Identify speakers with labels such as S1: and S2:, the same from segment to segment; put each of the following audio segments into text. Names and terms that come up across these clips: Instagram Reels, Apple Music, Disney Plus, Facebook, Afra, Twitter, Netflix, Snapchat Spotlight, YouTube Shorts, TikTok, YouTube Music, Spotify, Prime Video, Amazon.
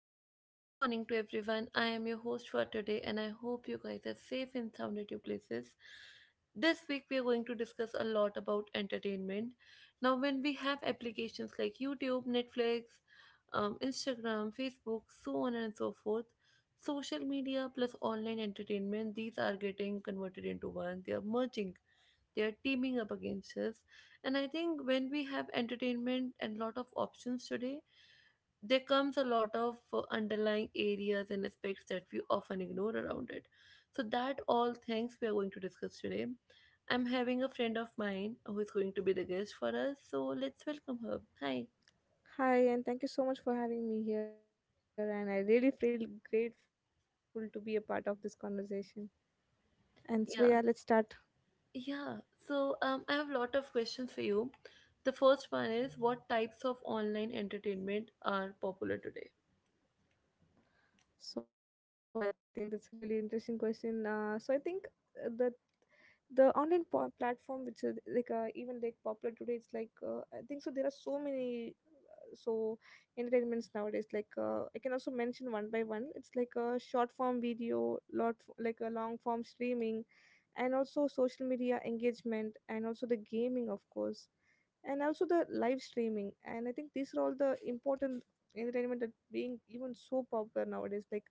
S1: Hello and good morning to everyone. I am your host for today and I hope you guys are safe and sound at your places. This week we are going to discuss a lot about entertainment. Now when we have applications like YouTube, Netflix, Instagram, Facebook, so on and so forth, social media plus online entertainment, these are getting converted into one. They are merging. They are teaming up against us, and I think when we have entertainment and lot of options today, there comes a lot of underlying areas and aspects that we often ignore around it. So, that all things we are going to discuss today. I'm having a friend of mine who is going to be the guest for us. So, let's welcome her. Hi.
S2: Hi, and thank you so much for having me here. And I really feel grateful to be a part of this conversation. And so,
S1: Yeah.
S2: yeah, let's start.
S1: Yeah. So, I have a lot of questions for you. The first one is, what types of online entertainment are popular today?
S2: So, I think that's a really interesting question. I think uh, the the online platform, which is like even like popular today, it's like I think so. There are so many uh, so entertainments nowadays. Like I can also mention one by one. It's like a short form video, like a long form streaming, and also social media engagement, and also the gaming of course, and also the live streaming. And I think these are all the important entertainment that being even so popular nowadays. Like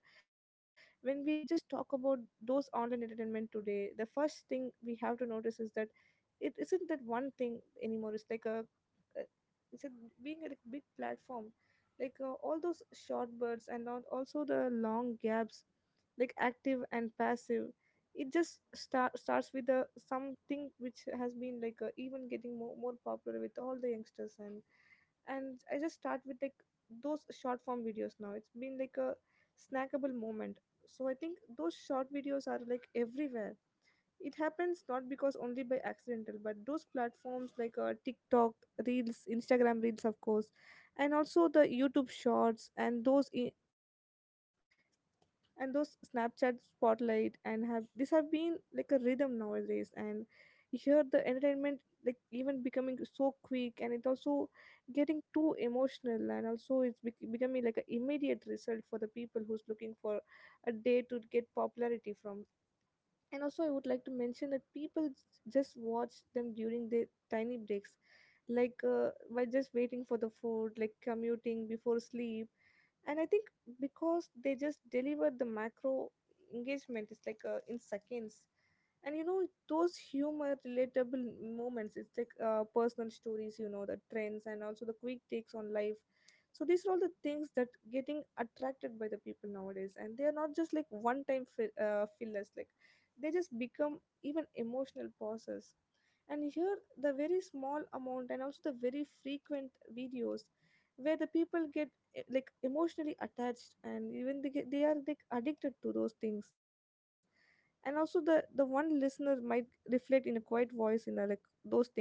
S2: when we just talk about those online entertainment today, the first thing we have to notice is that it isn't that one thing anymore. It's like a uh, it's a being a big platform, like all those short birds and also the long gaps, like active and passive. It just starts with a something which has been like even getting more popular with all the youngsters. And I just start with like those short form videos. Now it's been like a snackable moment. So I think those short videos are like everywhere. It happens not because only by accidental, but those platforms like TikTok Reels, Instagram Reels, of course, and also the YouTube Shorts, and those Snapchat Spotlight and have this have been like a rhythm nowadays. And here the entertainment like even becoming so quick, and it also getting too emotional, and also it's becoming like an immediate result for the people who's looking for a day to get popularity from. And also I would like to mention that people just watch them during their tiny breaks, like by just waiting for the food, like commuting before sleep. And I think because they just deliver the macro engagement, it's like in seconds. And those humor relatable moments, it's like personal stories, you know, the trends and also the quick takes on life. So these are all the things that getting attracted by the people nowadays, and they are not just like one time fillers. Like they just become even emotional pauses. And here the very small amount, and also the very frequent videos, where the people get like emotionally attached, and even they are like addicted to those things. And also the one listener might reflect in a quiet voice in a, like those things.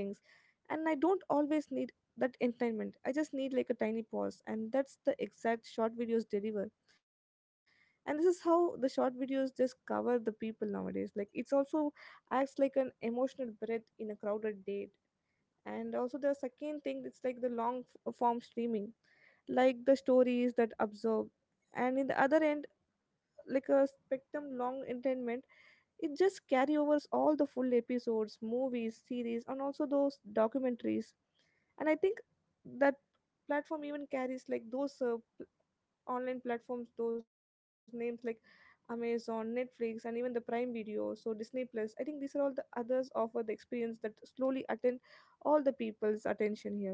S2: And I don't always need that entertainment. I just need like a tiny pause, and that's the exact short videos deliver. And this is how the short videos just cover the people nowadays. Like it's also acts like an emotional breath in a crowded date. And also the second thing, it's like the long form streaming, like the stories that absorb. And in the other end, like a spectrum long entertainment, it just carry overs all the full episodes, movies, series, and also those documentaries. And I think that platform even carries like those online platforms, those names like Amazon, Netflix, and even the Prime Video, so Disney Plus. I think these are all the others offer the experience that slowly attend all the people's attention here.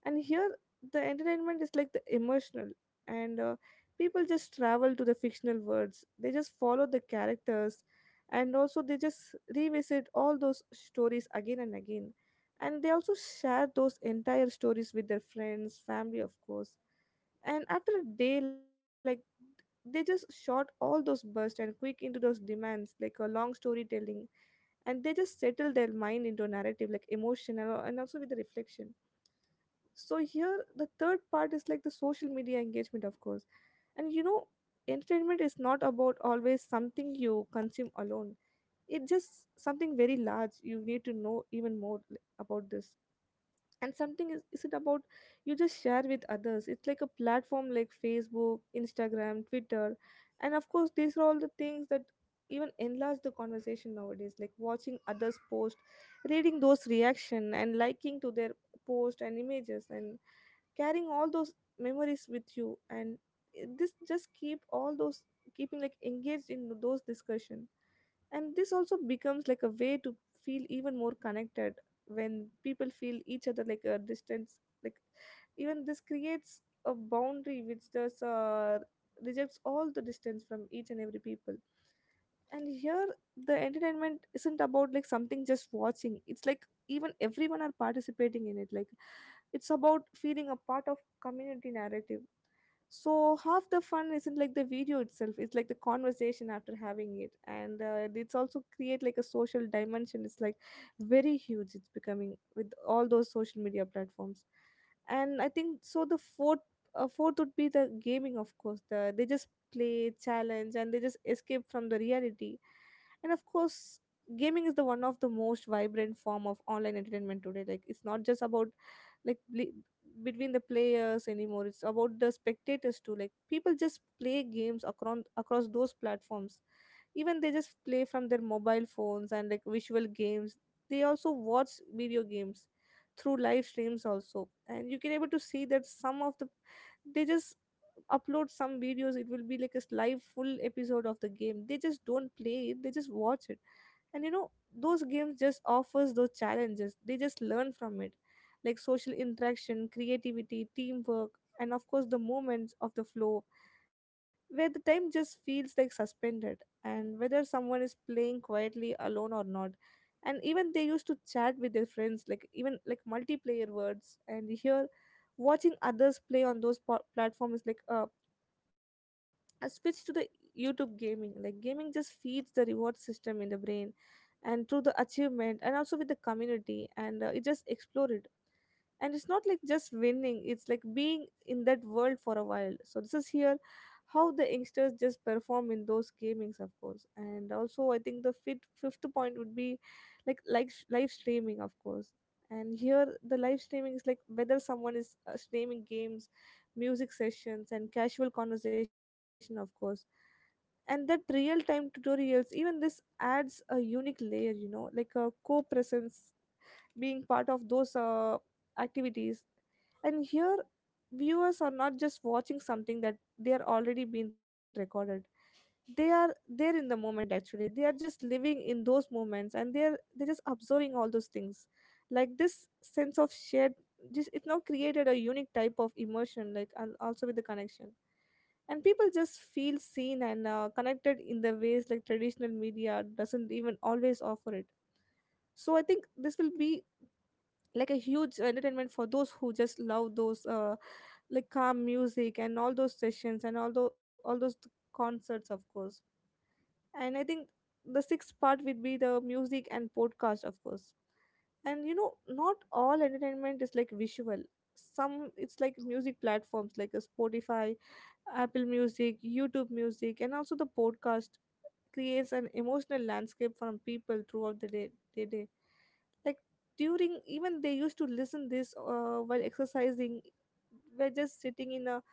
S2: And here the entertainment is like the emotional, and people just travel to the fictional worlds. They just follow the characters, and also they just revisit all those stories again and again. And they also share those entire stories with their friends, family, of course. And after a day, like, they just shot all those bursts and quick into those demands like a long storytelling. And they just settle their mind into a narrative, like emotional and also with the reflection. So here the third part is like the social media engagement, of course. And you know, entertainment is not about always something you consume alone. It's just something very large you need to know even more about this. And is it about you just share with others. It's like a platform like Facebook, Instagram, Twitter. And of course these are all the things that even enlarge the conversation nowadays, like watching others post, reading those reaction and liking to their post and images, and carrying all those memories with you. And this just keep all those, keeping like engaged in those discussion. And this also becomes like a way to feel even more connected, when people feel each other like a distance. Like even this creates a boundary, which does rejects all the distance from each and every people. And here the entertainment isn't about like something just watching. It's like even everyone are participating in it, like it's about feeling a part of community narrative. So half the fun isn't like the video itself. It's like the conversation after having it, and it's also create like a social dimension. It's like very huge, it's becoming with all those social media platforms. And I think so the fourth would be the gaming, of course. They just play, challenge, and they just escape from the reality. And of course, gaming is the one of the most vibrant form of online entertainment today. Like it's not just about like between the players anymore. It's about the spectators too. Like people just play games across those platforms. Even they just play from their mobile phones and like visual games. They also watch video games through live streams also, and you can able to see that some of the, they just upload some videos. It will be like a live full episode of the game. They just don't play it, they just watch it. And you know, those games just offers those challenges. They just learn from it, like social interaction, creativity, teamwork, and of course the moments of the flow, where the time just feels like suspended. And whether someone is playing quietly alone or not, and even they used to chat with their friends, like even like multiplayer words. And here watching others play on those platforms is like a, I switched to the YouTube gaming. Like gaming just feeds the reward system in the brain, and through the achievement, and also with the community, and it just explored. And it's not like just winning, it's like being in that world for a while. So this is here how the youngsters just perform in those gamings, of course. And also, I think the fifth point would be, like live streaming, of course. And here the live streaming is like whether someone is streaming games, music sessions, and casual conversation of course, and that real time tutorials. Even this adds a unique layer, you know, like a co-presence, being part of those activities. And here viewers are not just watching something that they are already being recorded. They are there in the moment. Actually, they are just living in those moments, and they're just observing all those things. Like this sense of shared just it now created a unique type of emotion, like, and also with the connection. And people just feel seen, and connected in the ways like traditional media doesn't even always offer it. So I think this will be like a huge entertainment for those who just love those like calm music and all those sessions, and all those concerts of course. And I think the sixth part would be the music and podcast of course. And you know, not all entertainment is like visual. Some, it's like music platforms like a Spotify, Apple Music, YouTube Music, and also the podcast creates an emotional landscape from people throughout the day. Like during, even they used to listen this while exercising, we're just sitting in a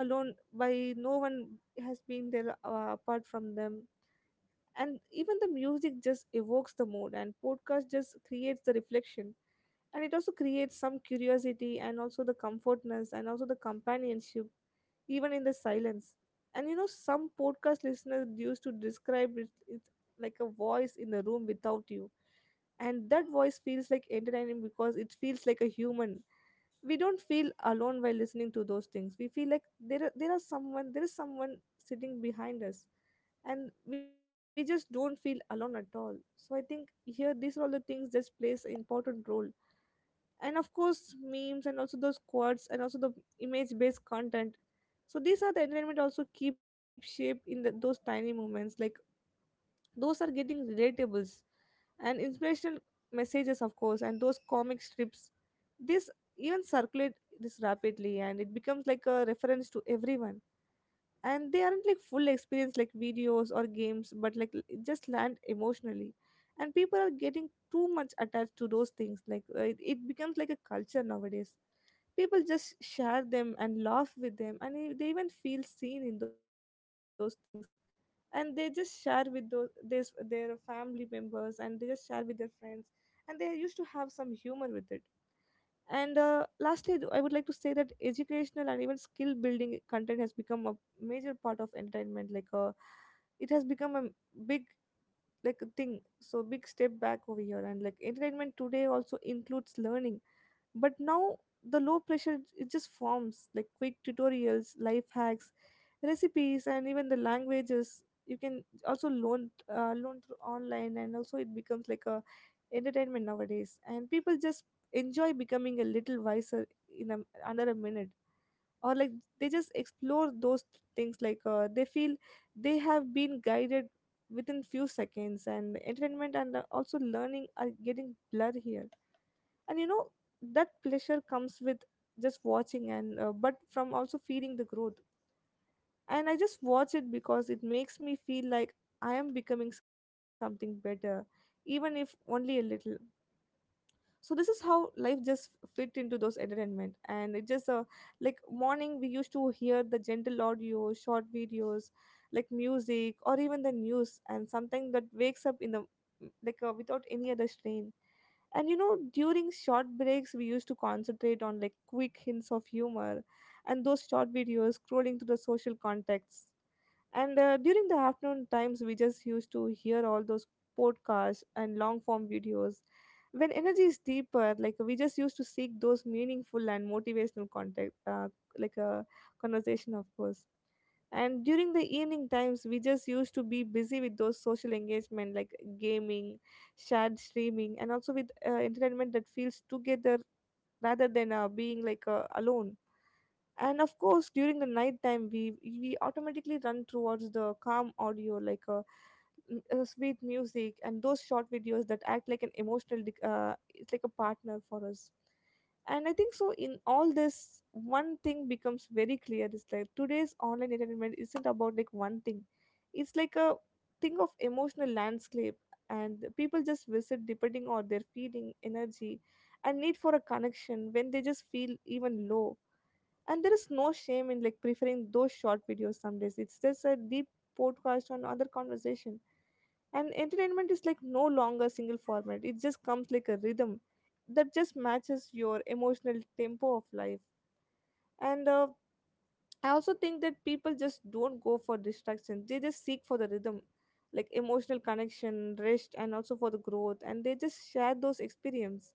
S2: alone by no one has been there apart from them. And even the music just evokes the mood, and podcast just creates the reflection, and it also creates some curiosity, and also the comfortness, and also the companionship even in the silence. And you know, some podcast listeners used to describe it, it like a voice in the room without you. And that voice feels like entertaining because it feels like a human. We don't feel alone while listening to those things. We feel like there is someone sitting behind us, and we just don't feel alone at all. So I think here these are all the things that plays an important role, and of course memes and also those quotes and also the image based content. So these are the entertainment also keep shape in the, those tiny moments like those are getting relatables and inspirational messages of course, and those comic strips this even circulate this rapidly, and it becomes like a reference to everyone. And they aren't like full experience like videos or games, but like it just land emotionally. And people are getting too much attached to those things, like it becomes like a culture nowadays. People just share them and laugh with them, and they even feel seen in those things. And they just share with their family members, and they just share with their friends, and they used to have some humor with it. And lastly, I would like to say that educational and even skill building content has become a major part of entertainment. Like, it has become a big like a thing. So big step back over here, and like entertainment today also includes learning, but now the low pressure it just forms like quick tutorials, life hacks, recipes, and even the languages you can also learn through online, and also it becomes like a entertainment nowadays. And people just enjoy becoming a little wiser in a, under a minute, or like they just explore those things, like they feel they have been guided within few seconds. And entertainment and also learning are getting blurred here, and you know that pleasure comes with just watching and but from also feeling the growth. And I just watch it because it makes me feel like I am becoming something better, even if only a little. So this is how life just fit into those entertainment, and it just like morning we used to hear the gentle audio short videos, like music or even the news and something that wakes up in the, like without any other strain. And you know, during short breaks, we used to concentrate on like quick hints of humor and those short videos scrolling through the social contexts. And during the afternoon times, we just used to hear all those podcasts and long form videos. When energy is deeper, like we just used to seek those meaningful and motivational contact, like a conversation, of course. And during the evening times, we just used to be busy with those social engagement like gaming, shared streaming, and also with entertainment that feels together rather than being like alone. And of course during the night time we automatically run towards the calm audio, like sweet music and those short videos that act like an emotional it's like a partner for us. And I think so in all this one thing becomes very clear is like today's online entertainment isn't about like one thing, it's like a thing of emotional landscape. And people just visit depending on their feeling energy and need for a connection when they just feel even low, and there is no shame in like preferring those short videos, some days it's just a deep podcast on other conversation. And entertainment is like no longer single format, it just comes like a rhythm that just matches your emotional tempo of life. And I also think that people just don't go for distraction, they just seek for the rhythm like emotional connection, rest, and also for the growth, and they just share those experience.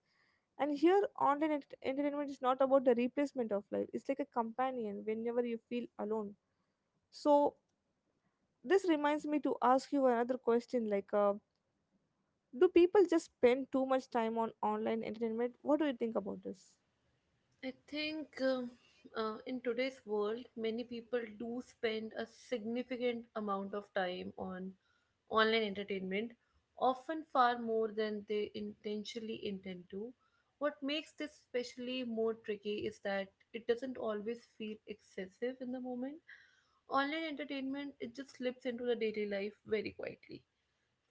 S2: And here online entertainment is not about the replacement of life, it's like a companion whenever you feel alone. So this reminds me to ask you another question, like do people just spend too much time on online entertainment? What do you think about this?
S1: I think in today's world, many people do spend a significant amount of time on online entertainment, often far more than they intentionally intend to. What makes this especially more tricky is that it doesn't always feel excessive in the moment. Online entertainment, it just slips into the daily life very quietly.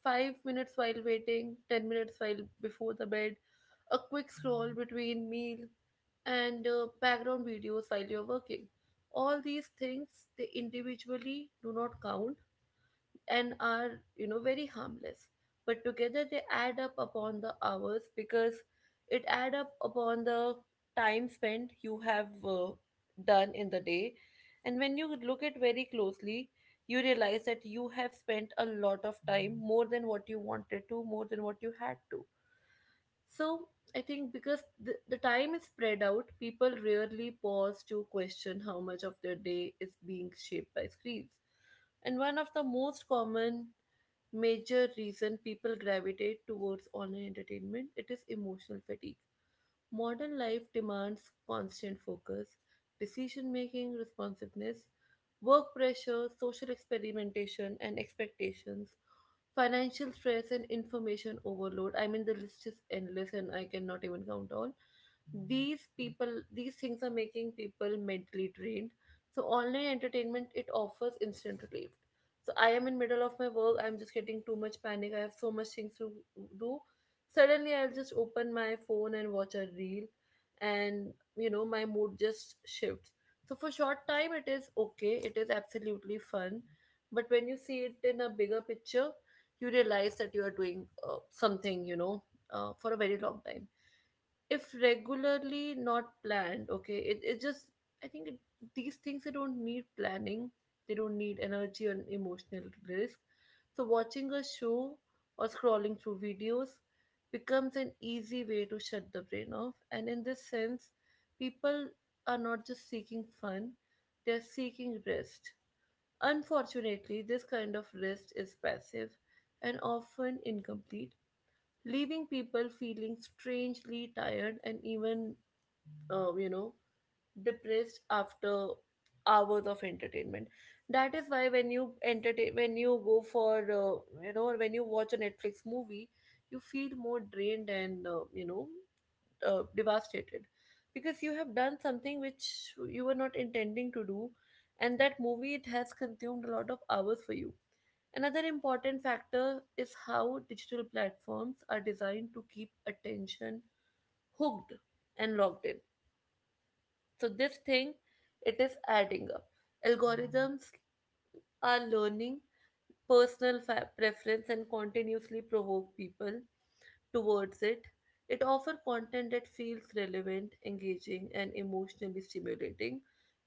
S1: 5 minutes while waiting, 10 minutes while before the bed, a quick scroll between meal, and background videos while you're working. All these things, they individually do not count and are, you know, very harmless, but together they add up upon the hours, because it add up upon the time spent you have done in the day. And when you look at very closely, you realize that you have spent a lot of time, more than what you wanted to, more than what you had to. So I think because the time is spread out, people rarely pause to question how much of their day is being shaped by screens. And one of the most common major reason people gravitate towards online entertainment, it is emotional fatigue. Modern life demands constant focus, decision making, responsiveness, work pressure, social experimentation and expectations, financial stress and information overload. I mean, the list is endless and I cannot even count all these people these things are making people mentally drained. So online entertainment, it offers instant relief. So I am in middle of my work, I'm just getting too much panic, I have so much things to do. Suddenly I'll just open my phone and watch a reel, and you know, my mood just shifts. So for short time it is okay, it is absolutely fun. But when you see it in a bigger picture, you realize that you are doing something, you know, for a very long time. If regularly not planned, okay, it just, i think it, these things, they don't need planning, they don't need energy and emotional risk. So watching a show or scrolling through videos becomes an easy way to shut the brain off. And in this sense, people are not just seeking fun, they're seeking rest. Unfortunately, this kind of rest is passive and often incomplete, leaving people feeling strangely tired and even, uh, you know depressed after hours of entertainment. That is why when you entertain, when you go for when you watch a Netflix movie, you feel more drained and, devastated, because you have done something which you were not intending to do, and that movie, it has consumed a lot of hours for you. Another important factor is how digital platforms are designed to keep attention hooked and logged in. So this thing, it is adding up. Algorithms are learning preference and continuously provoke people towards it. It offers content that feels relevant, engaging, and emotionally stimulating.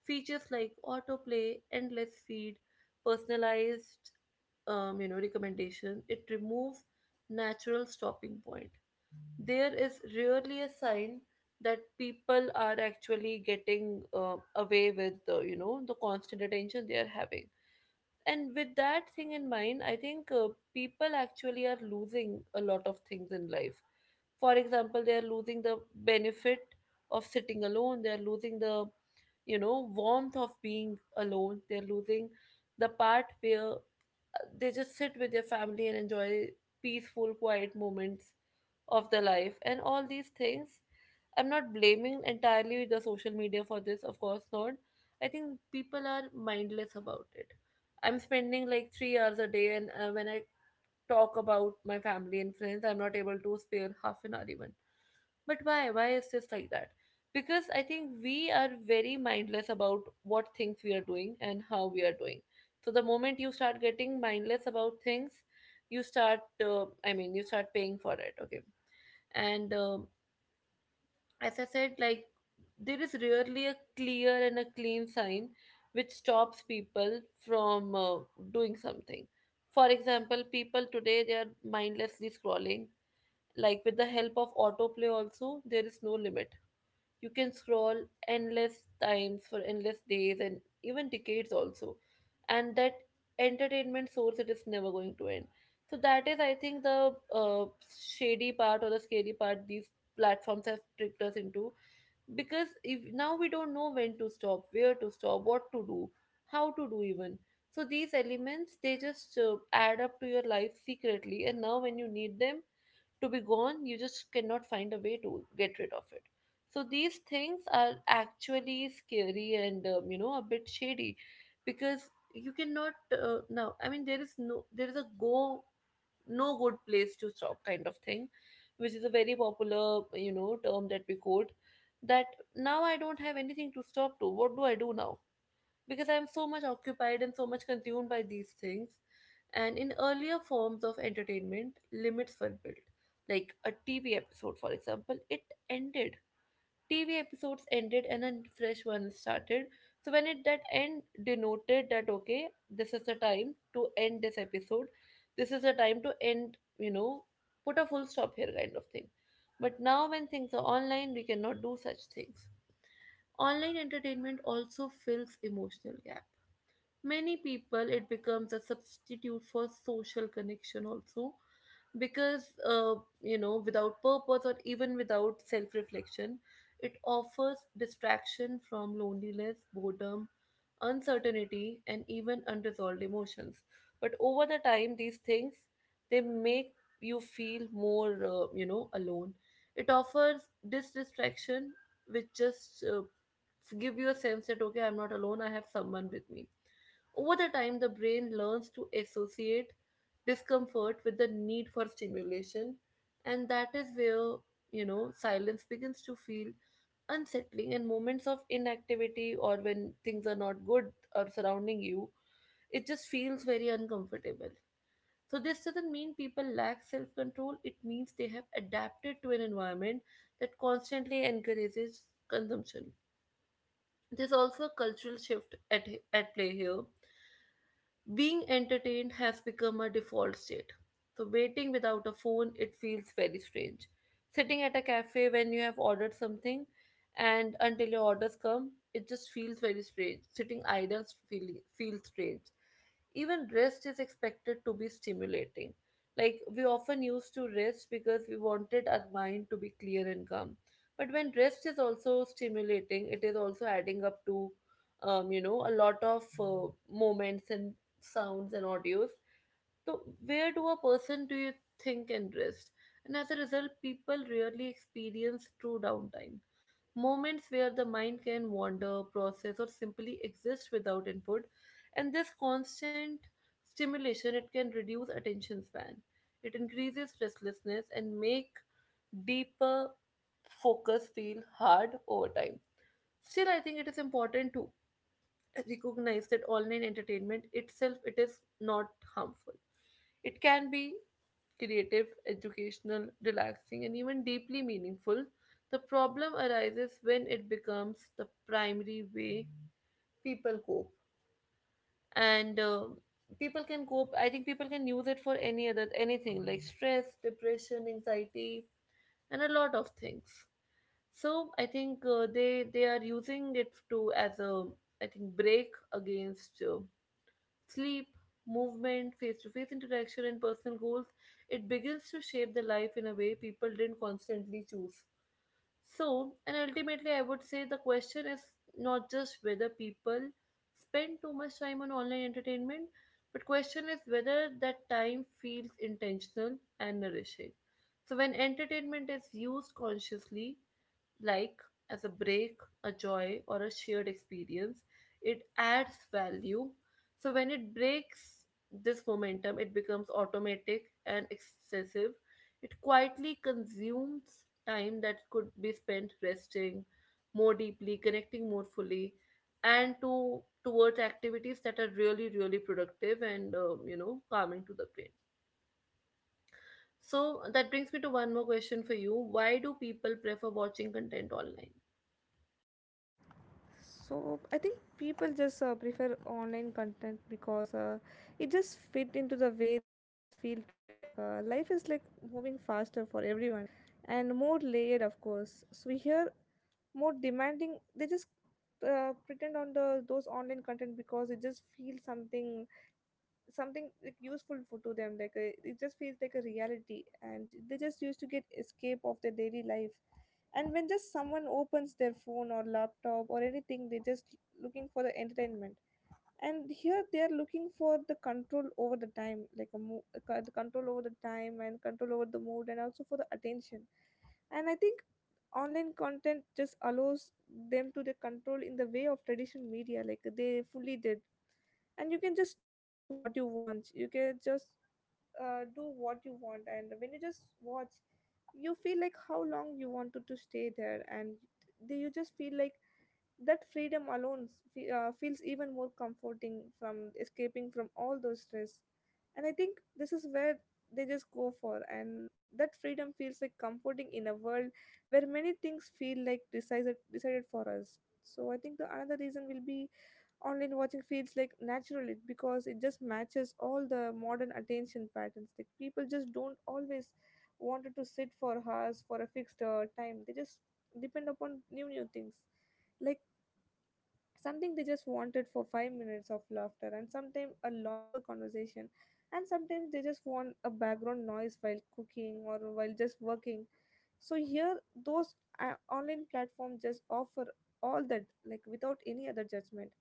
S1: Features like autoplay, endless feed, personalized, recommendation, it removes natural stopping point. There is rarely a sign that people are actually getting away with, the constant attention they are having. And with that thing in mind, I think people actually are losing a lot of things in life. For example, they are losing the benefit of sitting alone, they are losing the, you know, warmth of being alone, they are losing the part where they just sit with their family and enjoy peaceful quiet moments of the life. And all these things, I'm not blaming entirely the social media for this, of course not. I think people are mindless about it. I'm spending like 3 hours a day, and when I talk about my family and friends, I'm not able to spare half an hour even. But why? Why is this like that? Because I think we are very mindless about what things we are doing and how we are doing. So the moment you start getting mindless about things, you start, I mean, you start paying for it. Okay. And as I said, like, there is rarely a clear and a clean sign which stops people from doing something. For example, people today, they are mindlessly scrolling. Like with the help of autoplay, also there is no limit. You can scroll endless times for endless days and even decades also, and that entertainment source, it is never going to end. So that is, I think, the shady part or the scary part these platforms have tricked us into, because if now we don't know when to stop, where to stop, what to do, how to do even. So these elements, they just add up to your life secretly, and now when you need them to be gone, you just cannot find a way to get rid of it. So these things are actually scary and, a bit shady, because you cannot now, I mean, there is no, there is a go no good place to stop kind of thing, which is a very popular, you know, term that we quote, that now I don't have anything to stop to, what do I do now, because I'm so much occupied and so much consumed by these things. And in earlier forms of entertainment, limits were built. Like a TV episode, for example, it ended TV episodes ended and a fresh one started. So when it that end denoted that, okay, this is the time to end this episode. This is the time to end, you know, put a full stop here kind of thing. But now when things are online, we cannot do such things. Online entertainment also fills emotional gaps. Many people, it becomes a substitute for social connection also, because you know, without purpose or even without self reflection, it offers distraction from loneliness, boredom, uncertainty, and even unresolved emotions. But over the time, these things, they make you feel more, alone. It offers this distraction which just give you a sense that, okay, I'm not alone, I have someone with me. Over the time, the brain learns to associate discomfort with the need for stimulation, and that is where, you know, silence begins to feel unsettling. And moments of inactivity or when things are not good or surrounding you, it just feels very uncomfortable. So this doesn't mean people lack self control, it means they have adapted to an environment that constantly encourages consumption. There's also a cultural shift at play here. Being entertained has become a default state. So waiting without a phone, it feels very strange. Sitting at a cafe when you have ordered something and until your orders come, it just feels very strange. Sitting idle feels strange. Even rest is expected to be stimulating. Like, we often used to rest because we wanted our mind to be clear and calm. But when rest is also stimulating, it is also adding up to, a lot of moments and sounds and audios. So where do a person do you think and rest? And as a result, people rarely experience true downtime. Moments where the mind can wander, process, or simply exist without input. And this constant stimulation, it can reduce attention span. It increases restlessness and make deeper focus feel hard over time. Still, I think it is important to recognize that online entertainment itself, it is not harmful. It can be creative, educational, relaxing, and even deeply meaningful. The problem arises when it becomes the primary way people cope. And people can cope, I think people can use it for any other anything, like stress, depression, anxiety, and a lot of things. So I think they are using it to as a, I think, break against sleep, movement, face to face interaction, and personal goals. It begins to shape the life in a way people didn't constantly choose. So, and ultimately, I would say the question is not just whether people spend too much time on online entertainment, but question is whether that time feels intentional and nourishing. So when entertainment is used consciously, like as a break, a joy, or a shared experience. It adds value. So when it breaks this momentum, it becomes automatic and excessive. It quietly consumes time that could be spent resting more deeply, connecting more fully, and to towards activities that are really, really productive and calming to the brain. So that brings me to one more question for you. Why do people prefer watching content online?
S2: So I think people just prefer online content, because it just fit into the way they just feel today. Like life is like moving faster for everyone and more layered, of course. So we hear more demanding. They just pretend on the those online content, because it just feels something like useful for to them, it just feels like a reality, and they just used to get escape of their daily life. And when just someone opens their phone or laptop or anything, they just looking for the entertainment. And here they are looking for the control over the time, like a mo- a co- the control over the time and control over the mood and also for the attention. And I think online content just allows them to the control in the way of traditional media, like they fully they and you can just choose what you want, you can just do what you want, and when you just watch you feel like how long you wanted to stay there, and do you just feel like that freedom alone feels even more comforting from escaping from all those stress. And I think this is where they just go for, and that freedom feels like comforting in a world where many things feel like decided for us. So I think the another reason will be online watching feels like natural because it just matches all the modern attention patterns. Like people just don't always wanted to sit for hours for a fixed time, they just depend upon new things, like something they just wanted for 5 minutes of laughter, and sometimes a longer conversation, and sometimes they just want a background noise while cooking or while just working. So here those online platforms just offer all that, like without any other judgment.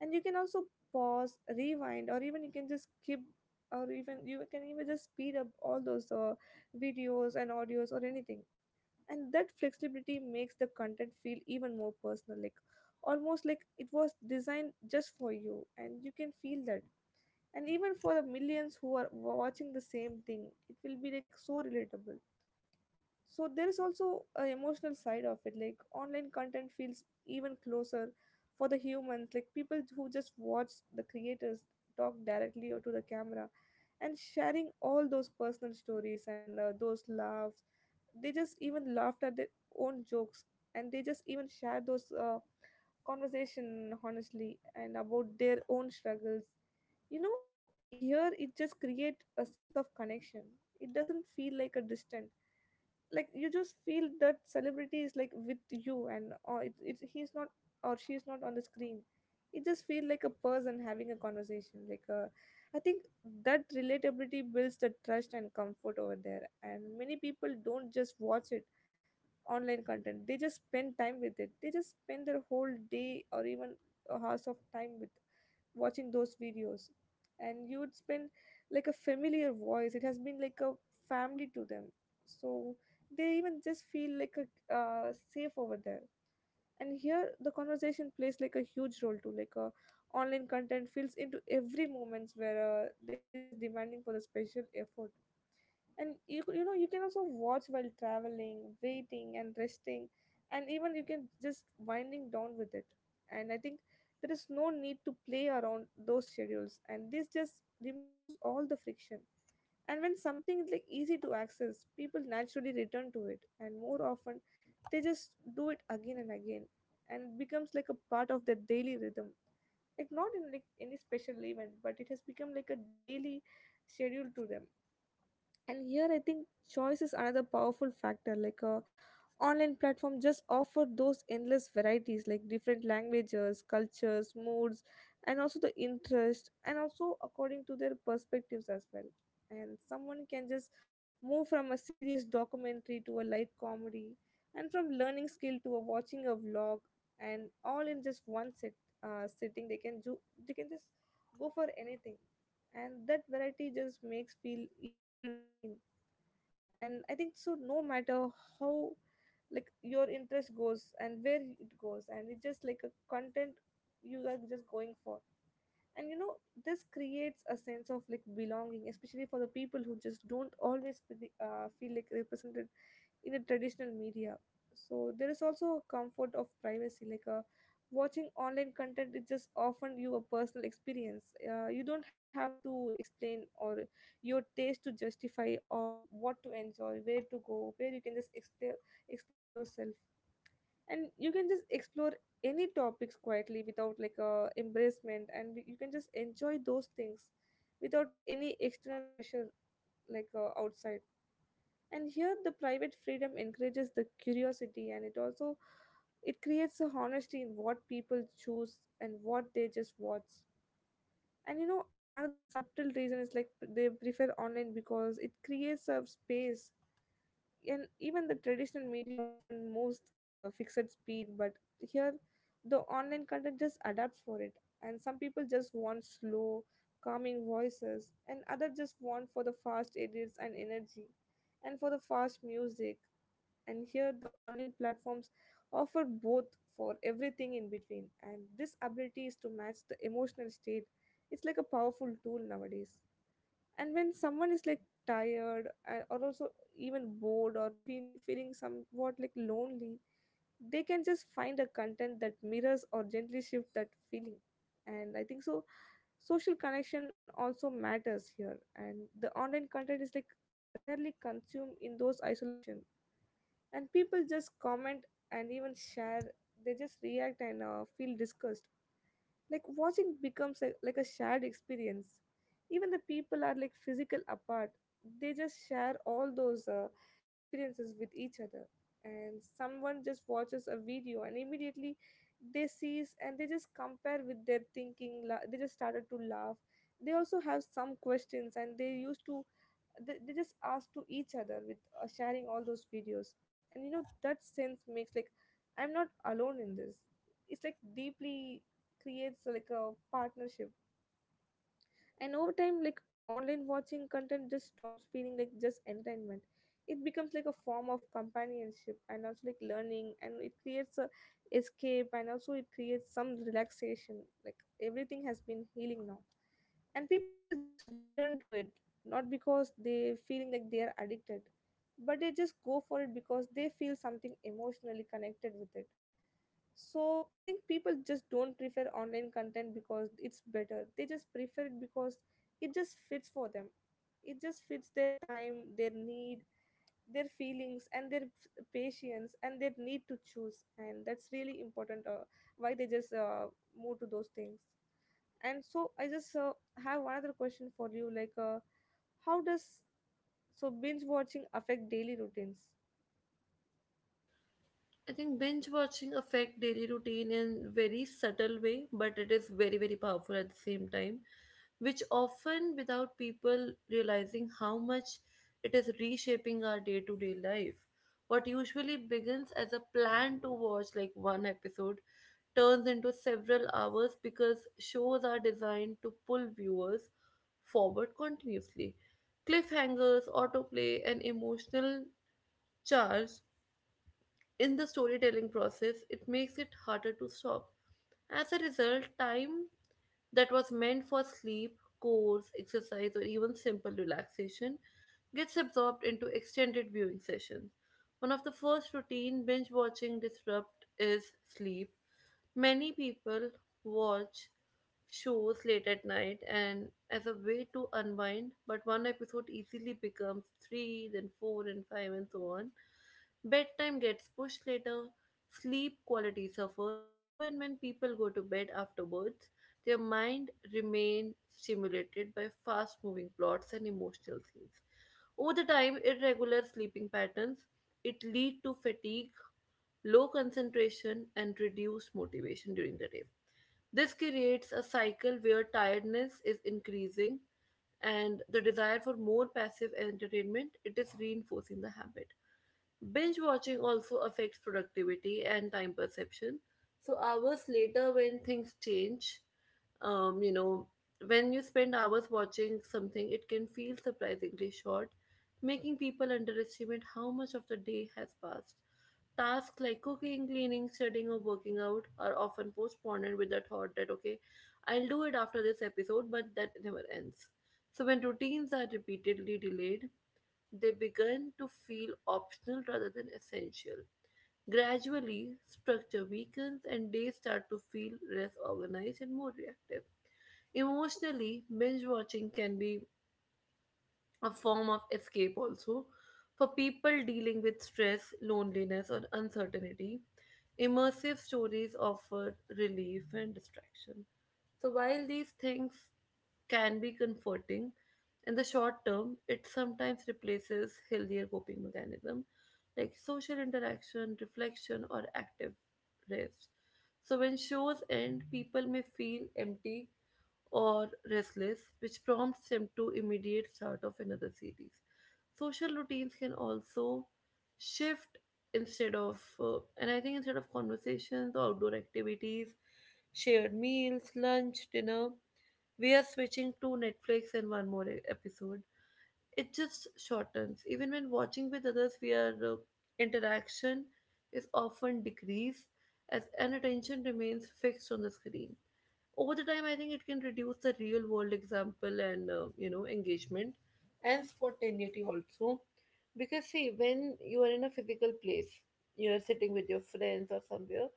S2: And you can also pause, rewind, or even you can just skip, or even you can even just speed up all those videos and audios or anything. And that flexibility makes the content feel even more personal, like almost like it was designed just for you, and you can feel that, and even for the millions who are watching the same thing it will be like so relatable. So there is also a emotional side of it, like online content feels even closer for the humans, like people who just watch the creators talk directly or to the camera and sharing all those personal stories and those laughs. They just even laughed at their own jokes, and they just even share those conversation honestly and about their own struggles. You know, here it just create a sense of connection, it doesn't feel like a distant. Like you just feel that celebrity is like with you, and or it he's not or she's not on the screen. It just feel like a person having a conversation, like I think that relatability builds the trust and comfort over there. And many people don't just watch it online content, they just spend time with it, they just spend their whole day or even hours of time with watching those videos. And you would spend like a familiar voice, it has been like a family to them. So they even just feel like a safe over there. And here the conversation plays like a huge role too, like a online content fills into every moments where they're just demanding for the special effort. And you know you can also watch while traveling, waiting, and resting, and even you can just winding down with it. And I think there is no need to play around those schedules, and this just removes all the friction. And when something is like easy to access, people naturally return to it and more often, they just do it again and again, and it becomes like a part of their daily rhythm. Like not in like any special event, but it has become like a daily schedule to them. And here I think choice is another powerful factor, like online platform just offer those endless varieties, like different languages, cultures, moods, and also the interest and also according to their perspectives as well. And someone can just move from a serious documentary to a light comedy, and from learning skill to a watching a vlog, and all in just one set sitting, they can just go for anything. And that variety just makes feel even seen. And I think so no matter how like your interest goes and where it goes, and it's just like a content you are just going for. And you know this creates a sense of like belonging, especially for the people who just don't always feel like represented in the traditional media. So there is also a comfort of privacy, like a watching online content it just often you a personal experience, you don't have to explain or your taste to justify or what to enjoy, where to go, where you can just explore yourself. And you can just explore any topics quietly without like a embracement, and you can just enjoy those things without any external pressure, like Outside, and here the private freedom encourages the curiosity, and it also, it creates a honesty in what people choose and what they just watch. And you know, another subtle reason is like they prefer online because it creates a space. And even the traditional media often moves the fixed speed, but here the online content just adapts for it. And some people just want slow, calming voices, and others just want for the fast edits and energy and for the fast music. And here the online platforms offer both for everything in between, and this ability is to match the emotional state. It's like a powerful tool nowadays. And when someone is like tired, or also even bored or feeling somewhat like lonely, they can just find a content that mirrors or gently shift that feeling. And I think so, social connection also matters here, and the online content is like rarely consumed in those isolation. And people just comment and even share, they just react and feel disgust, like watching becomes a, like a shared experience. Even the people are like physical apart. They just share all those experiences with each other. And someone just watches a video and immediately they sees and they just compare with their thinking. They just started to laugh. They also have some questions, and they used to, they just ask to each other with sharing all those videos. And you know, that sense makes like I'm not alone in this. It's like deeply creates, like a partnership. And over time, like online watching content just stops feeling like just entertainment. It becomes like a form of companionship and also like learning, and it creates a escape, and also it creates some relaxation. Like everything has been healing now, and people just return to it, not because they feeling like they are addicted, but they just go for it because they feel something emotionally connected with it. So I think people just don't prefer online content because it's better. They just prefer it because it just fits for them. It just fits their time, their need, their feelings, and their patience, and their need to choose. And that's really important, why they just move to those things. And so I just have one other question for you, like how does, so, binge watching affect daily routines?
S1: I think binge watching affect daily routine in very subtle way, but it is very very powerful at the same time, which often without people realizing how much it is reshaping our day to day life. What usually begins as a plan to watch like one episode turns into several hours because shows are designed to pull viewers forward continuously. Cliffhangers, autoplay, and emotional charge in the storytelling process, it makes it harder to stop. As a result, time that was meant for sleep, chores, exercise, or even simple relaxation gets absorbed into extended viewing sessions. One of the first routine binge watching disrupt is sleep. Many people watch shows late at night and as a way to unwind, but one episode easily becomes three, then four, and five, and so on. Bedtime gets pushed later, sleep quality suffers. Even when people go to bed afterwards, their mind remains stimulated by fast moving plots and emotional scenes. Over the time, irregular sleeping patterns it lead to fatigue, low concentration, and reduced motivation during the day. This creates a cycle where tiredness is increasing and the desire for more passive entertainment it is reinforcing the habit. Binge watching also affects productivity and time perception. So hours later when things change, um, you know, when you spend hours watching something, it can feel surprisingly short, making people underestimate how much of the day has passed. Tasks like cooking, cleaning, studying, or working out are often postponed with the thought that, okay, I'll do it after this episode, but that never ends. So, when routines are repeatedly delayed, they begin to feel optional rather than essential. Gradually, structure weakens and days start to feel less organized and more reactive. Emotionally, binge watching can be a form of escape also for people dealing with stress, loneliness, or uncertainty. Immersive stories offer relief and distraction. So, while these things can be comforting, in the short term, it sometimes replaces healthier coping mechanism like social interaction, reflection, or active rest. So, when shows end, people may feel empty or restless, which prompts him to immediate start of another series. Social routines can also shift instead of, and I think instead of conversations, outdoor activities, shared meals, lunch, dinner, we are switching to Netflix and one more episode. It just shortens. Even when watching with others, we are interaction is often decreased as an attention remains fixed on the screen. Over the time, I think it can reduce the real world example and engagement and spontaneity also, because see, when you are in a physical place, you are sitting with your friends or somewhere,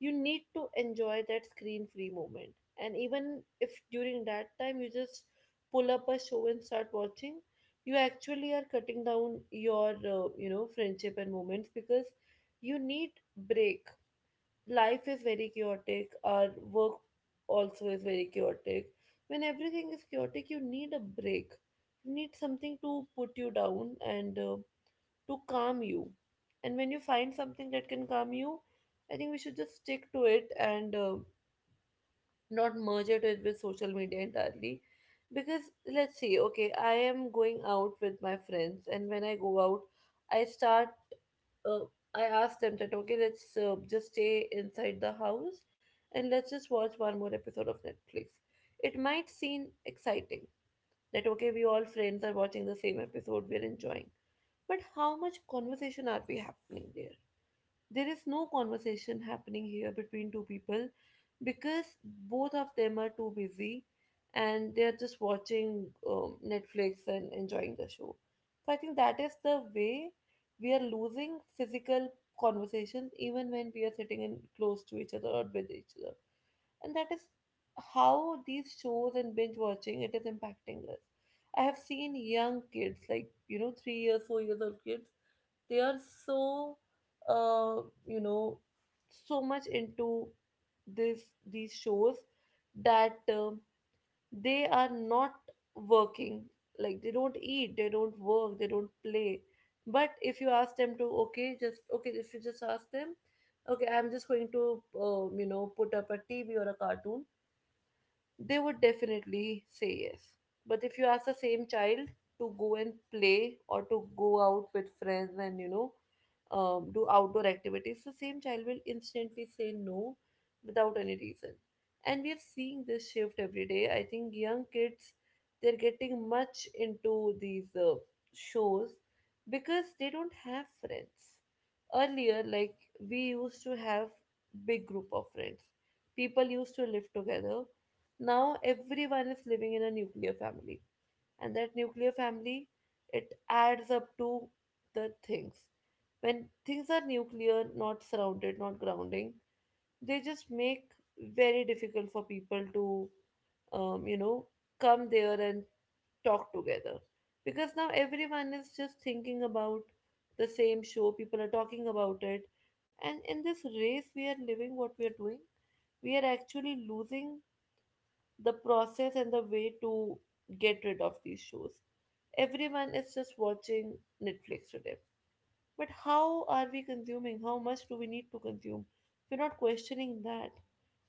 S1: you need to enjoy that screen free moment. And even if during that time you just pull up a show and start watching, you actually are cutting down your friendship and moments, because you need break. Life is very chaotic, our work also is very chaotic. When everything is chaotic, you need a break, you need something to put you down and to calm you. And when you find something that can calm you, I think we should just stick to it and not merge it with social media entirely. Because let's see, okay, I am going out with my friends, and when I go out, I start uh, I asked them that, okay, let's just stay inside the house and let's just watch one more episode of Netflix. It might seem exciting that, okay, we all friends are watching the same episode, we're enjoying, but how much conversation are we happening there? There is no conversation happening here between two people because both of them are too busy and they are just watching Netflix and enjoying the show. So I think that is the way we are losing physical conversations even when we are sitting in close to each other or with each other. And that is how these shows and binge watching it is impacting us. I have seen young kids, like you know, 3 years, 4 years old kids, they are so uh, you know so much into this these shows that they are not working, like they don't eat, they don't work, they don't play. But if you ask them to, okay, just okay if you just ask them, okay, I'm just going to put up a TV or a cartoon, they would definitely say yes. But if you ask the same child to go and play or to go out with friends and do outdoor activities, the same child will instantly say no without any reason. And we are seeing this shift every day. I think young kids they're getting much into these shows because they don't have friends. Earlier, like we used to have big group of friends. People used to live together. Now everyone is living in a nuclear family, and that nuclear family it adds up to the things. When things are nuclear, not surrounded, not grounding, they just make very difficult for people to um, you know, come there and talk together. Because now everyone is just thinking about the same show, people are talking about it. And in this race we are living, what we are doing, we are actually losing the process and the way to get rid of these shows. Everyone is just watching Netflix today. But how are we consuming? How much do we need to consume? If you're not questioning that,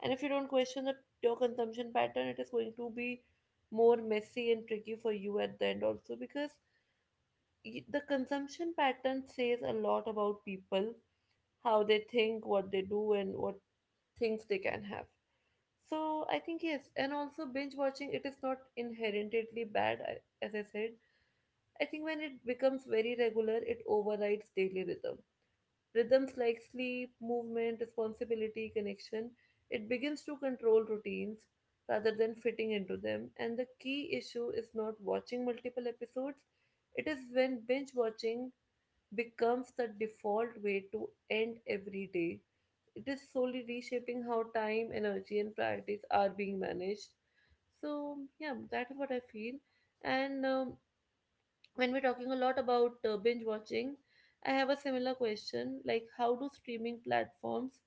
S1: and if you don't question your consumption pattern, it is going to be more messy and tricky for you at the end also because the consumption pattern says a lot about people, how they think, what they do, and what things they can have. So I think yes, and also binge watching it is not inherently bad. As I said, I think when it becomes very regular, it overrides daily rhythm. Rhythms like sleep, movement, responsibility, connection. It begins to control routines rather than fitting into them. And the key issue is not watching multiple episodes. It is when binge watching becomes the default way to end every day. It is slowly reshaping how time, energy, and practice are being managed. So, yeah, that is what I feel. And when we're talking a lot about binge watching, I have a similar question like, how do streaming platforms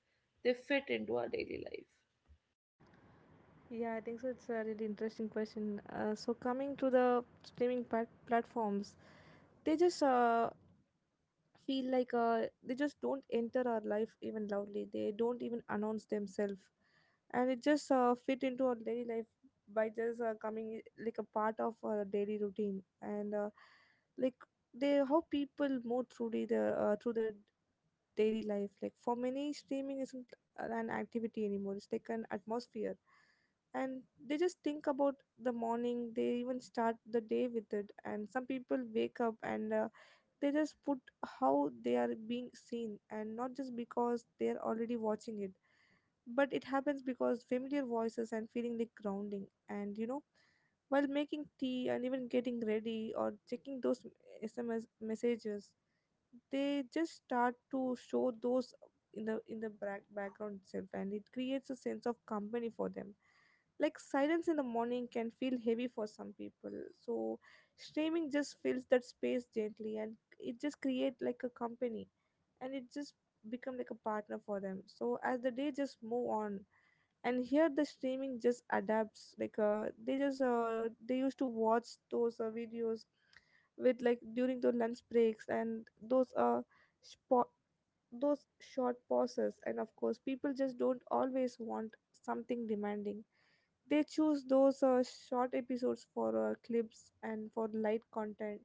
S1: they fit into our daily life?
S2: Yeah, I think so. It's a really interesting question. So coming to the streaming platforms, they just feel like they just don't enter our life even loudly. They don't even announce themselves, and it just fit into our daily life by just coming like a part of our daily routine. And like, they, how people move through their through their daily life. Like for many, streaming isn't an activity anymore, it's like an atmosphere. And they just think about the morning, they even start the day with it. And some people wake up and they just put how they are being seen, and not just because they are already watching it, but it happens because familiar voices and feeling like grounding. And you know, while making tea and even getting ready or checking those sms messages, they just start to show those in the back, background itself, and it creates a sense of company for them. Like silence in the morning can feel heavy for some people, so streaming just fills that space gently, and it just create like a company, and it just become like a partner for them. So as the day just move on, and here the streaming just adapts, like they just they used to watch those videos with like during the lunch breaks and those spot those short pauses. And of course, people just don't always want something demanding. They choose those short episodes for clips and for light content.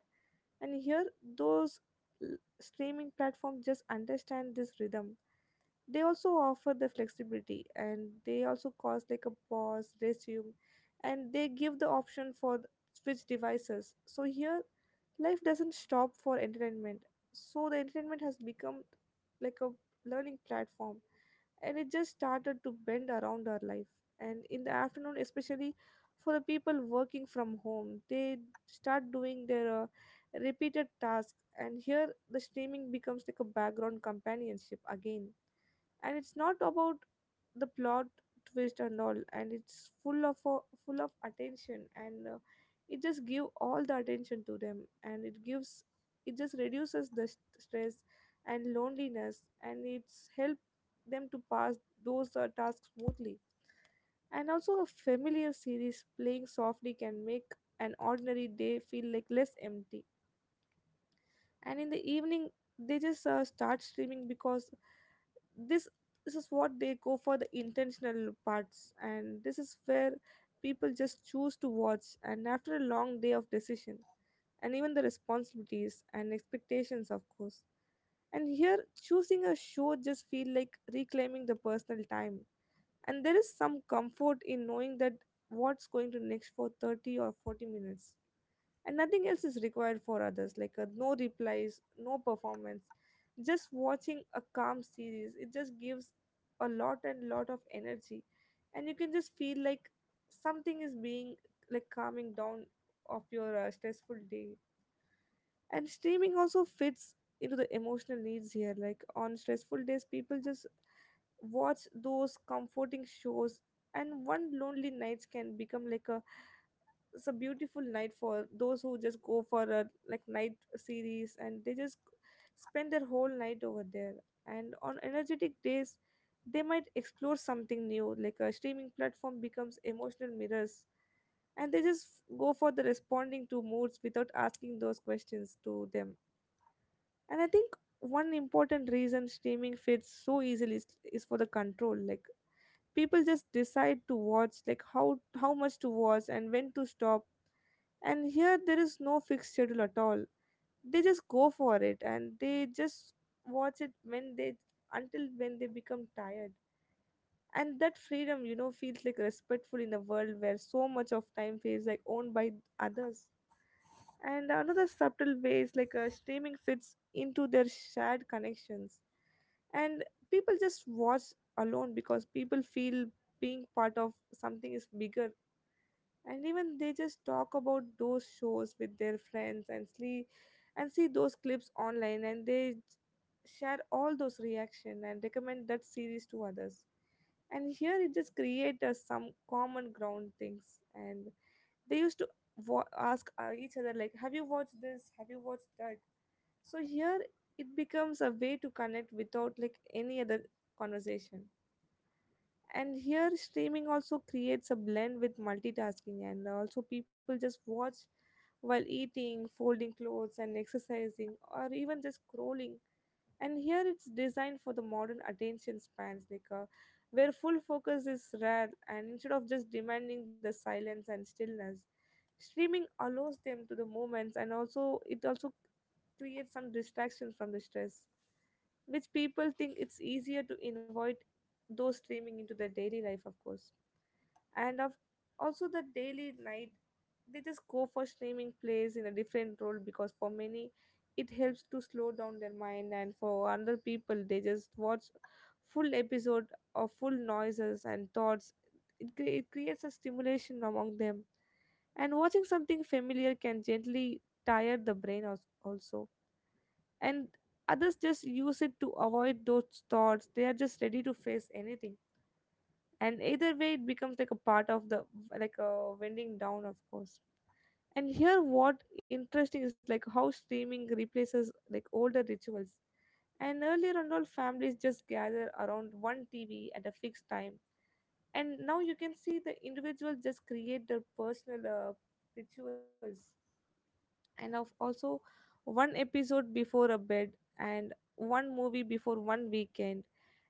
S2: And here those streaming platforms just understand this rhythm. They also offer the flexibility, and they also cause like a pause resume, and they give the option for switch devices. So here life doesn't stop for entertainment. So the entertainment has become like a learning platform, and it just started to bend around our life. And in the afternoon especially, for the people working from home, they start doing their repeated tasks, and here the streaming becomes like a background companionship again. And it's not about the plot twist and all, and it's full of full of attention. And it just give all the attention to them, and it gives, it just reduces the stress and loneliness, and it's help them to pass those tasks smoothly. And also a familiar series playing softly can make an ordinary day feel like less empty. And in the evening they just start streaming because this this is what they go for, the intentional parts. And this is where people just choose to watch, and after a long day of decision and even the responsibilities and expectations, of course. And here, choosing a show just feel like reclaiming the personal time. And there is some comfort in knowing that what's going to next for 30 or 40 minutes, and nothing else is required for others, like no replies, no performance. Just watching a calm series, it just gives a lot and lot of energy. And you can just feel like something is being like calming down of your stressful day. And streaming also fits into the emotional needs here. Like on stressful days, people just watch those comforting shows, and one lonely nights can become like a, it's a beautiful night for those who just go for a like night series, and they just spend their whole night over there. And on energetic days, they might explore something new. Like a streaming platform becomes emotional mirrors, and they just go for the responding to moods without asking those questions to them. And I think one important reason streaming fits so easily is for the control. Like people just decide to watch, like how much to watch and when to stop. And here there is no fixed schedule at all. They just go for it, and they just watch it when they, until when they become tired. And that freedom, you know, feels like respectful in a world where so much of time feels like owned by others. And another subtle way is like streaming fits into their shared connections. And people just watch alone because people feel being part of something is bigger. And even they just talk about those shows with their friends, and see those clips online, and they share all those reaction and recommend that series to others. And here it just creates some common ground things, and they used to ask each other, like, have you watched this, have you watched that. So here it becomes a way to connect without like any other conversation. And here streaming also creates a blend with multitasking, and also people just watch while eating, folding clothes, and exercising, or even just scrolling. And here it's designed for the modern attention spans, like where full focus is rare. And instead of just demanding the silence and stillness, streaming allows them to the moments, and also it also create some distraction from the stress, which people think it's easier to invite those streaming into their daily life, of course. And of also the daily night, they just go for streaming plays in a different role, because for many it helps to slow down their mind, and for other people they just watch full episode of full noises and thoughts. It creates a stimulation among them, and watching something familiar can gently tire the brain also. And others just use it to avoid those thoughts. They are just ready to face anything, and either way it becomes like a part of the, like a winding down, of course. And here what interesting is like how streaming replaces like older rituals. And earlier on, all families just gather around one TV at a fixed time, and now you can see the individuals just create their personal rituals. And of also one episode before a bed, and one movie before one weekend.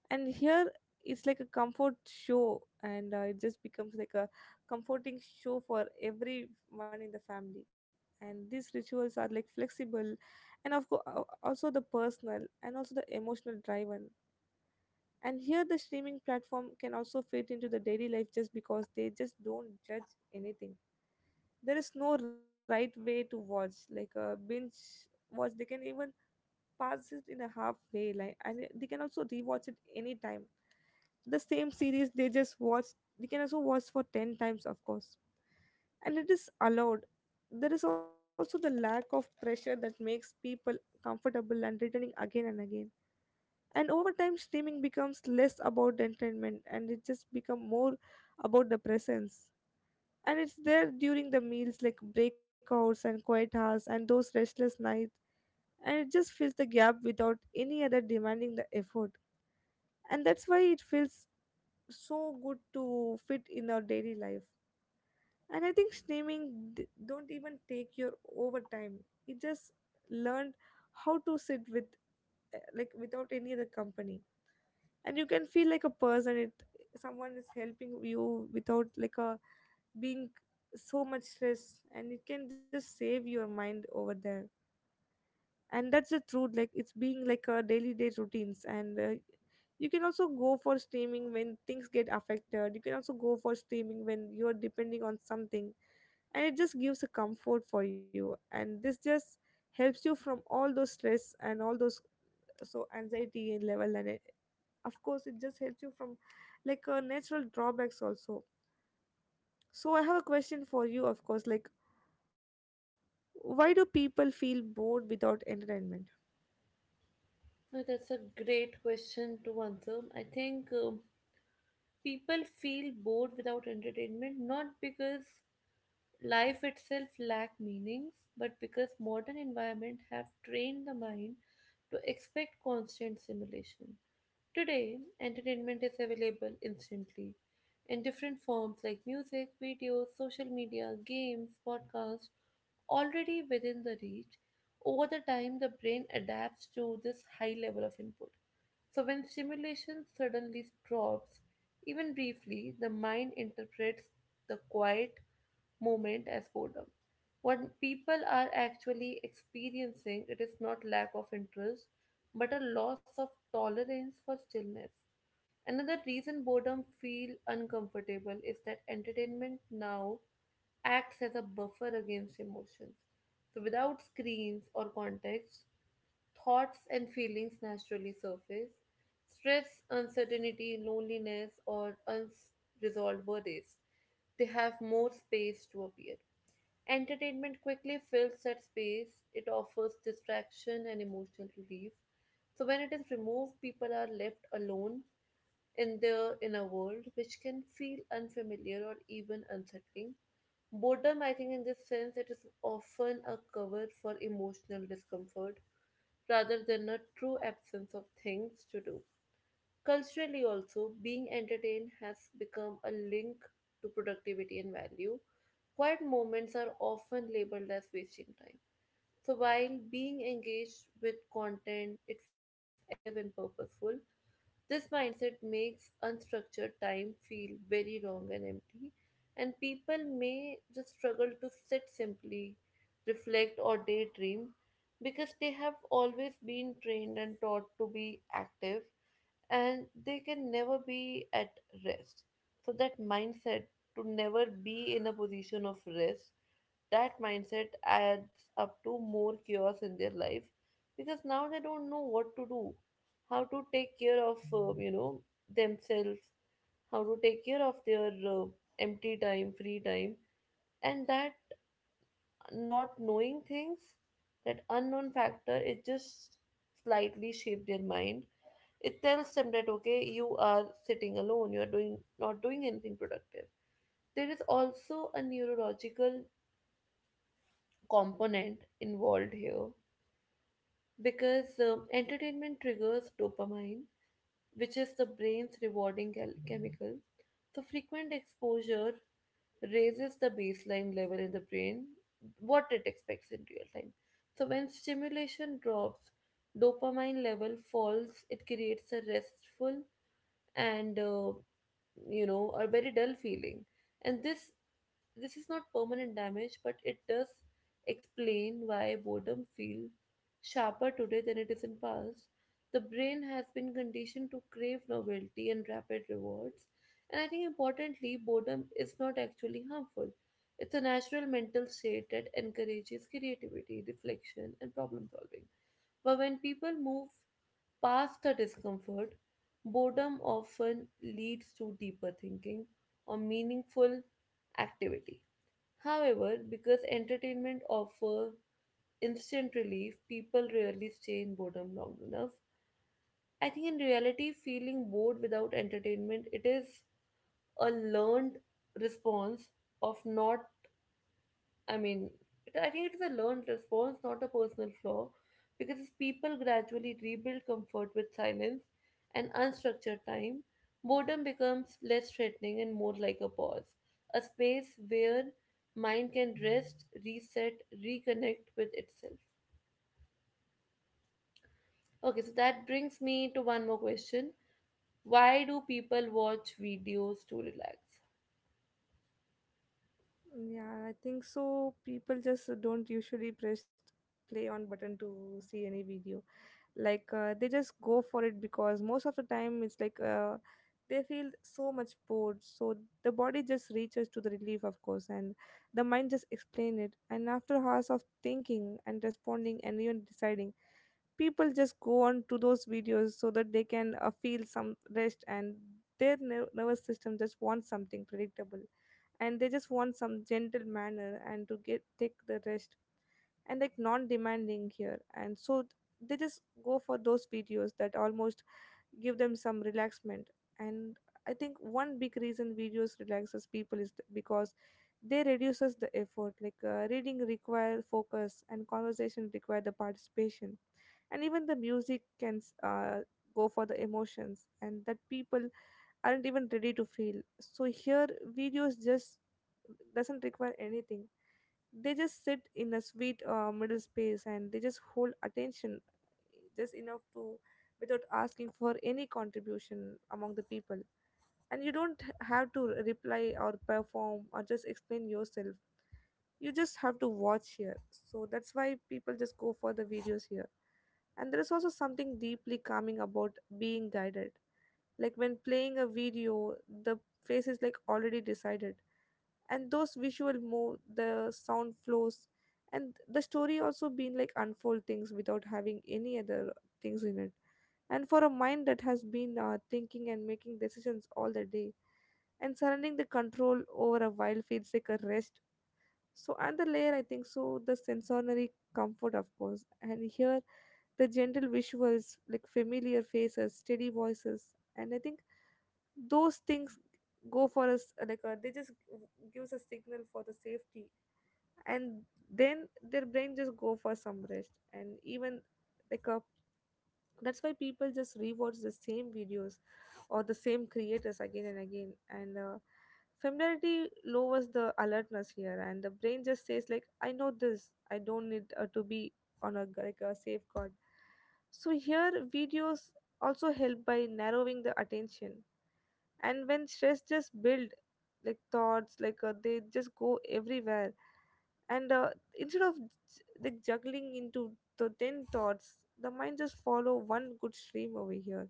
S2: And here it's like a comfort show, and it just becomes like a comforting show for everyone in the family. And these rituals are like flexible, and of course also the personal and also the emotional driven. And here the streaming platform can also fit into the daily life just because they just don't judge anything. There is no right way to watch, like a binge watch. They can even pass it in a half way, like they can also rewatch it anytime, the same series they just watch. They can also watch for 10 times, of course, and it is allowed. There is also the lack of pressure that makes people comfortable and returning again and again. And over time, streaming becomes less about entertainment, and it just become more about the presence. And it's there during the meals, like break hours and quiet hours and those restless nights. And it just fills the gap without any other demanding the effort. And that's why it feels so good to fit in our daily life. And I think streaming don't even take your overtime. It just learned how to sit with, like without any other company. And you can feel like a person, it, someone is helping you without like a being so much stress, and it can just save your mind over there. And that's the truth, like it's being like a daily day routines, and you can also go for streaming when things get affected. You can also go for streaming when you're depending on something, and it just gives a comfort for you. And this just helps you from all those stress and all those so anxiety and level. And it, of course it just helps you from like natural drawbacks also. So I have a question for you, of course, like, why do people feel bored without entertainment?
S1: Now, that's a great question to answer. I think people feel bored without entertainment, not because life itself lack meanings, but because modern environment have trained the mind to expect constant simulation. Today, entertainment is available instantly in different forms like music, videos, social media, games, podcasts, already within the reach. Over the time, the brain adapts to this high level of input. So, when stimulation suddenly drops, even briefly, the mind interprets the quiet moment as boredom. What people are actually experiencing, it is not lack of interest, but a loss of tolerance for stillness. Another reason boredom feel uncomfortable is that entertainment now acts as a buffer against emotions. So without screens or context, thoughts and feelings naturally surface. Stress, uncertainty, loneliness, or unresolved worries, they have more space to appear. Entertainment quickly fills that space, it offers distraction and emotional relief. So, when it is removed, people are left alone in their inner world, which can feel unfamiliar or even unsettling. Boredom, I think, in this sense, it is often a cover for emotional discomfort rather than a true absence of things to do. Culturally, also, being entertained has become a link to productivity and value. Quiet moments are often labeled as wasting time. So, while being engaged with content, it feels active and purposeful. This mindset makes unstructured time feel very wrong and empty, and people may just struggle to sit simply, reflect, or daydream because they have always been trained and taught to be active and they can never be at rest. So that mindset to never be in a position of rest, that mindset adds up to more chaos in their life because now they don't know what to do, how to take care of themselves, how to take care of their empty time, free time, and that not knowing things, that unknown factor, it just slightly shaped their mind. It tells them that okay, you are sitting alone, you are doing not doing anything productive. There is also a neurological component involved here because entertainment triggers dopamine, which is the brain's rewarding chemical. So, frequent exposure raises the baseline level in the brain, what it expects in real time. So, when stimulation drops, dopamine level falls, it creates a restful and a very dull feeling, and this is not permanent damage, but it does explain why boredom feels sharper today than it is in past. The brain has been conditioned to crave novelty and rapid rewards, and I think importantly boredom is not actually harmful. It's a natural mental state that encourages creativity, reflection, and problem solving. But when people move past the discomfort, boredom often leads to deeper thinking or meaningful activity. However, because entertainment offers instant relief, people rarely stay in boredom long enough. I think in reality, feeling bored without entertainment, it is a learned response of not I mean, it- I think it is a learned response, not a personal flaw, because as people gradually rebuild comfort with silence and unstructured time, boredom becomes less threatening and more like a pause, a space where mind can rest, reset, reconnect with itself. Okay, so that brings me to one more question. Why do people watch videos to relax?
S2: Yeah, I think so people just don't usually press play on button to see any video. Like they just go for it because most of the time it's like they feel so much bored. So the body just reaches to the relief, of course, and the mind just explain it. And after hours of thinking and responding and even deciding, people just go on to those videos so that they can feel some rest. And their nervous system just wants something predictable, and they just want some gentle manner and to get take the rest, and like non-demanding here. And so they just go for those videos that almost give them some relaxment. And I think one big reason videos relaxes people is because they reduces the effort. Like reading require focus and conversation require the participation. And even the music can go for the emotions, and that people aren't even ready to feel. So here videos just doesn't require anything. They just sit in a sweet middle space, and they just hold attention just enough to, without asking for any contribution among the people. And you don't have to reply or perform or just explain yourself. You just have to watch here. So that's why people just go for the videos here. And there is also something deeply calming about being guided. Like when playing a video, the face is like already decided, and those visual move, the sound flows, and the story also being like unfold things without having any other things in it. And for a mind that has been thinking and making decisions all the day, and surrendering the control over a while feels like a rest. So another layer, I think, so the sensory comfort, of course, and here the gentle visuals, like familiar faces, steady voices, and I think those things go for us they just gives a signal for the safety, and then their brain just go for some rest, and even like a, that's why people just rewatch the same videos or the same creators again and again. And familiarity lowers the alertness here, and the brain just says like, I know this, I don't need to be on a like a safeguard. So here videos also help by narrowing the attention. And when stress just build, like thoughts, like they just go everywhere. And instead of like juggling into the 10 thoughts, the mind just follow one good stream over here.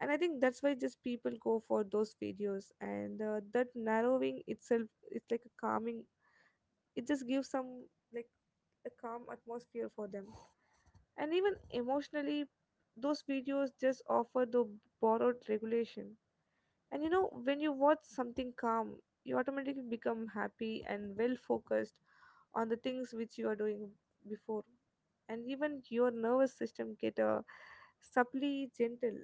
S2: And I think that's why just people go for those videos. And that narrowing itself is like a calming. It just gives some, like a calm atmosphere for them. And even emotionally, those videos just offer the borrowed regulation. And you know, when you watch something calm, you automatically become happy and well focused on the things which you are doing before. And even your nervous system get a subtly gentle.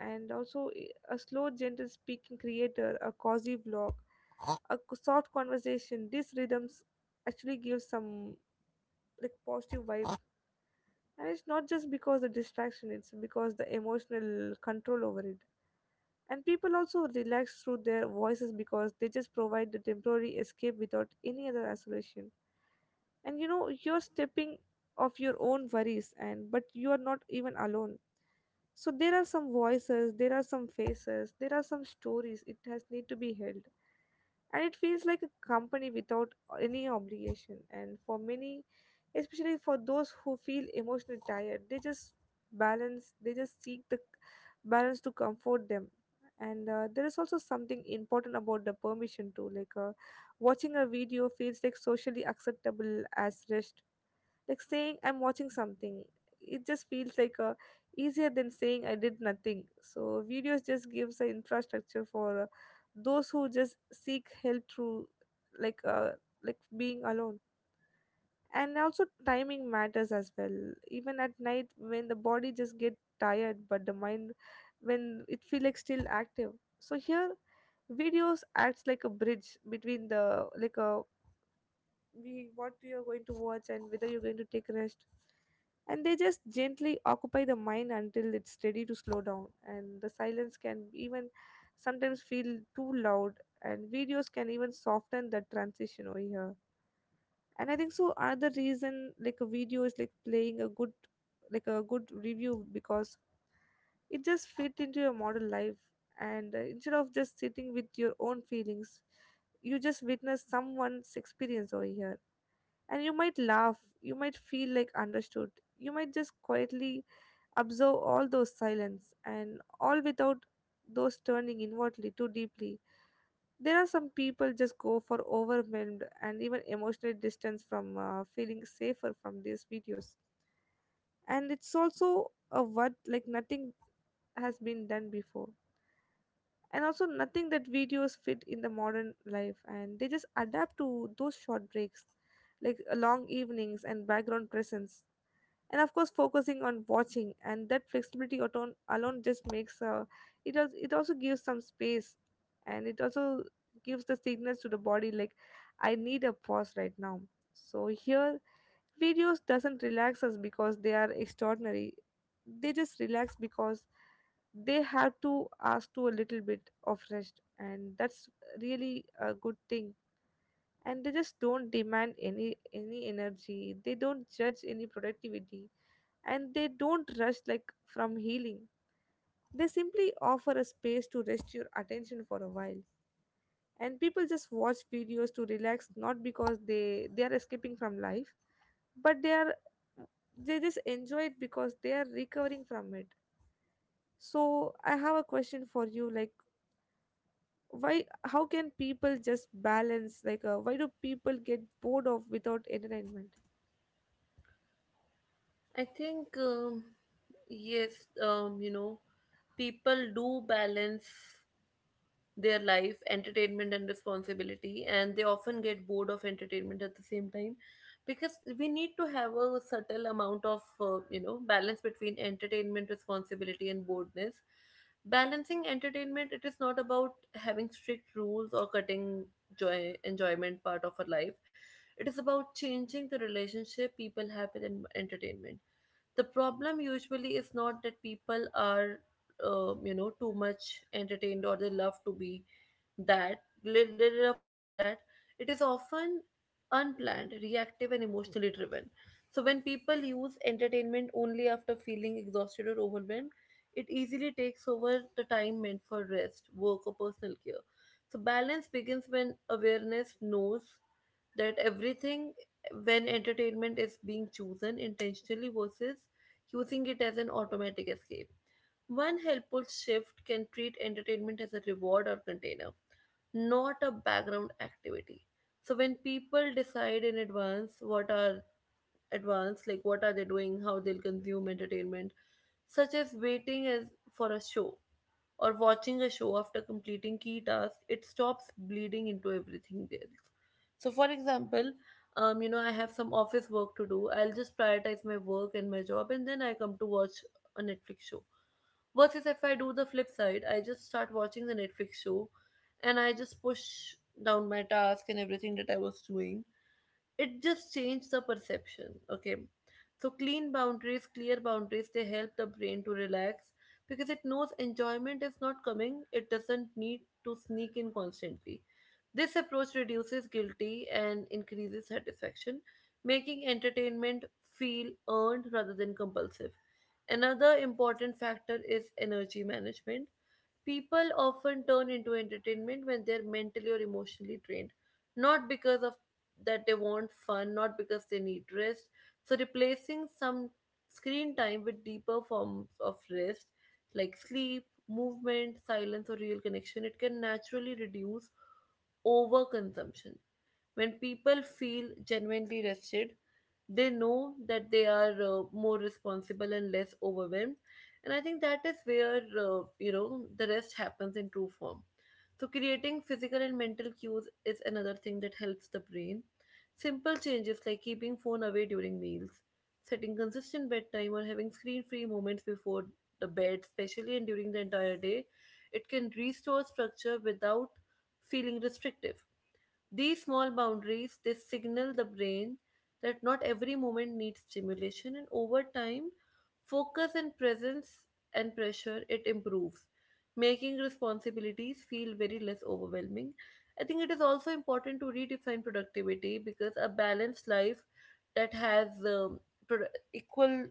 S2: And also a slow gentle speaking creator, a cozy vlog, a soft conversation, these rhythms actually give some like positive vibe. And it's not just because the distraction, it's because the emotional control over it. And people also relax through their voices because they just provide the temporary escape without any other isolation. And you know, you're stepping off your own worries, and but you are not even alone. So there are some voices, there are some faces, there are some stories it has need to be held. And it feels like a company without any obligation. And for many, especially for those who feel emotionally tired, they just balance, they just seek the balance to comfort them. And there is also something important about the permission too. Like watching a video feels like socially acceptable as rest, like saying I'm watching something. It just feels like easier than saying I did nothing. So videos just gives an infrastructure for those who just seek help through like uh, like being alone. And also timing matters as well. Even at night when the body just get tired, but the mind when it feel like still active. So here videos acts like a bridge between the, like a we what you're going to watch and whether you're going to take rest. And they just gently occupy the mind until it's ready to slow down, and the silence can even sometimes feel too loud, and videos can even soften the transition over here. And I think so another reason like a video is like playing a good, like a good review because it just fit into your modern life. And instead of just sitting with your own feelings, you just witness someone's experience over here. And you might laugh, you might feel like understood, you might just quietly observe all those silence and all without those turning inwardly too deeply. There are some people just go for overwhelmed and even emotional distance from feeling safer from these videos, and it's also a what, like nothing has been done before. And also, nothing that videos fit in the modern life, and they just adapt to those short breaks, like long evenings and background presence, and of course focusing on watching. And that flexibility alone just makes it also gives some space. And it also gives the signals to the body like, I need a pause right now. So here videos doesn't relax us because they are extraordinary. They just relax because they have to ask to a little bit of rest, and that's really a good thing. And they just don't demand any energy, they don't judge any productivity, and they don't rush like from healing. They simply offer a space to rest your attention for a while. And people just watch videos to relax, not because they are escaping from life, but they are, they just enjoy it because they are recovering from it. So I have a question for you, like why, how can people just balance, like why do people get bored of without entertainment?
S1: I think, yes, people do balance their life, entertainment, and responsibility, and they often get bored of entertainment at the same time because we need to have a subtle amount of balance between entertainment, responsibility, and boredness. Balancing entertainment, it is not about having strict rules or cutting joy enjoyment part of our life. It is about changing the relationship people have with entertainment. The problem usually is not that people are, too much entertained, or they love to be that, they love to do that. It is often unplanned, reactive, and emotionally driven. So when people use entertainment only after feeling exhausted or overwhelmed, it easily takes over the time meant for rest, work, or personal care. So balance begins when awareness knows that everything when entertainment is being chosen intentionally versus using it as an automatic escape. One helpful shift can treat entertainment as a reward or container, not a background activity. So when people decide in advance what are they doing, how they'll consume entertainment, such as waiting as for a show or watching a show after completing key tasks, it stops bleeding into everything else. So, for example, I have some office work to do. I'll just prioritize my work and my job, and then I come to watch a Netflix show. Versus if I do the flip side, I just start watching the Netflix show and I just push down my task and everything that I was doing, it just changed the perception. Okay, so clean boundaries, clear boundaries, they help the brain to relax because it knows enjoyment is not coming, it doesn't need to sneak in constantly. This approach reduces guilty and increases satisfaction, making entertainment feel earned rather than compulsive. Another important factor is energy management. People often turn into entertainment when they're mentally or emotionally drained, not because of that they want fun, not because they need rest. So replacing some screen time with deeper forms of rest, like sleep, movement, silence, or real connection, it can naturally reduce overconsumption. When people feel genuinely rested, they know that they are more responsible and less overwhelmed. And I think that is where, the rest happens in true form. So, creating physical and mental cues is another thing that helps the brain. Simple changes like keeping phone away during meals, setting consistent bedtime, or having screen free moments before the bed, especially and during the entire day, it can restore structure without feeling restrictive. These small boundaries, they signal the brain that not every moment needs stimulation, and over time focus and presence and pressure, it improves, making responsibilities feel very less overwhelming. I think it is also important to redefine productivity because a balanced life that has pro- equal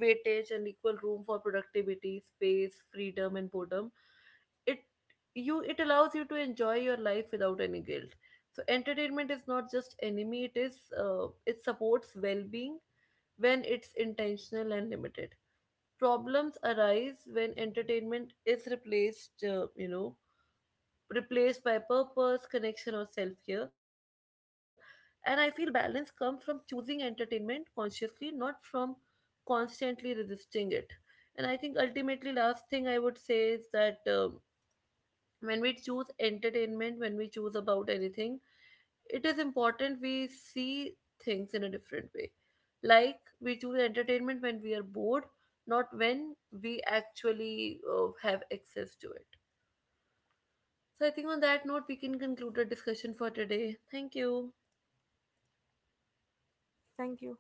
S1: weightage and equal room for productivity, space, freedom, and boredom, it you it allows you to enjoy your life without any guilt. So entertainment is not just enemy, it is it supports well-being when it's intentional and limited. Problems arise when entertainment is replaced replaced by purpose connection or self-care. And I feel balance comes from choosing entertainment consciously, not from constantly resisting it. And I think ultimately last thing I would say is that when we choose entertainment, when we choose about anything, it is important we see things in a different way. Like we choose entertainment when we are bored, not when we actually have access to it. So I think on that note we can conclude the discussion for today. Thank you.
S2: Thank you.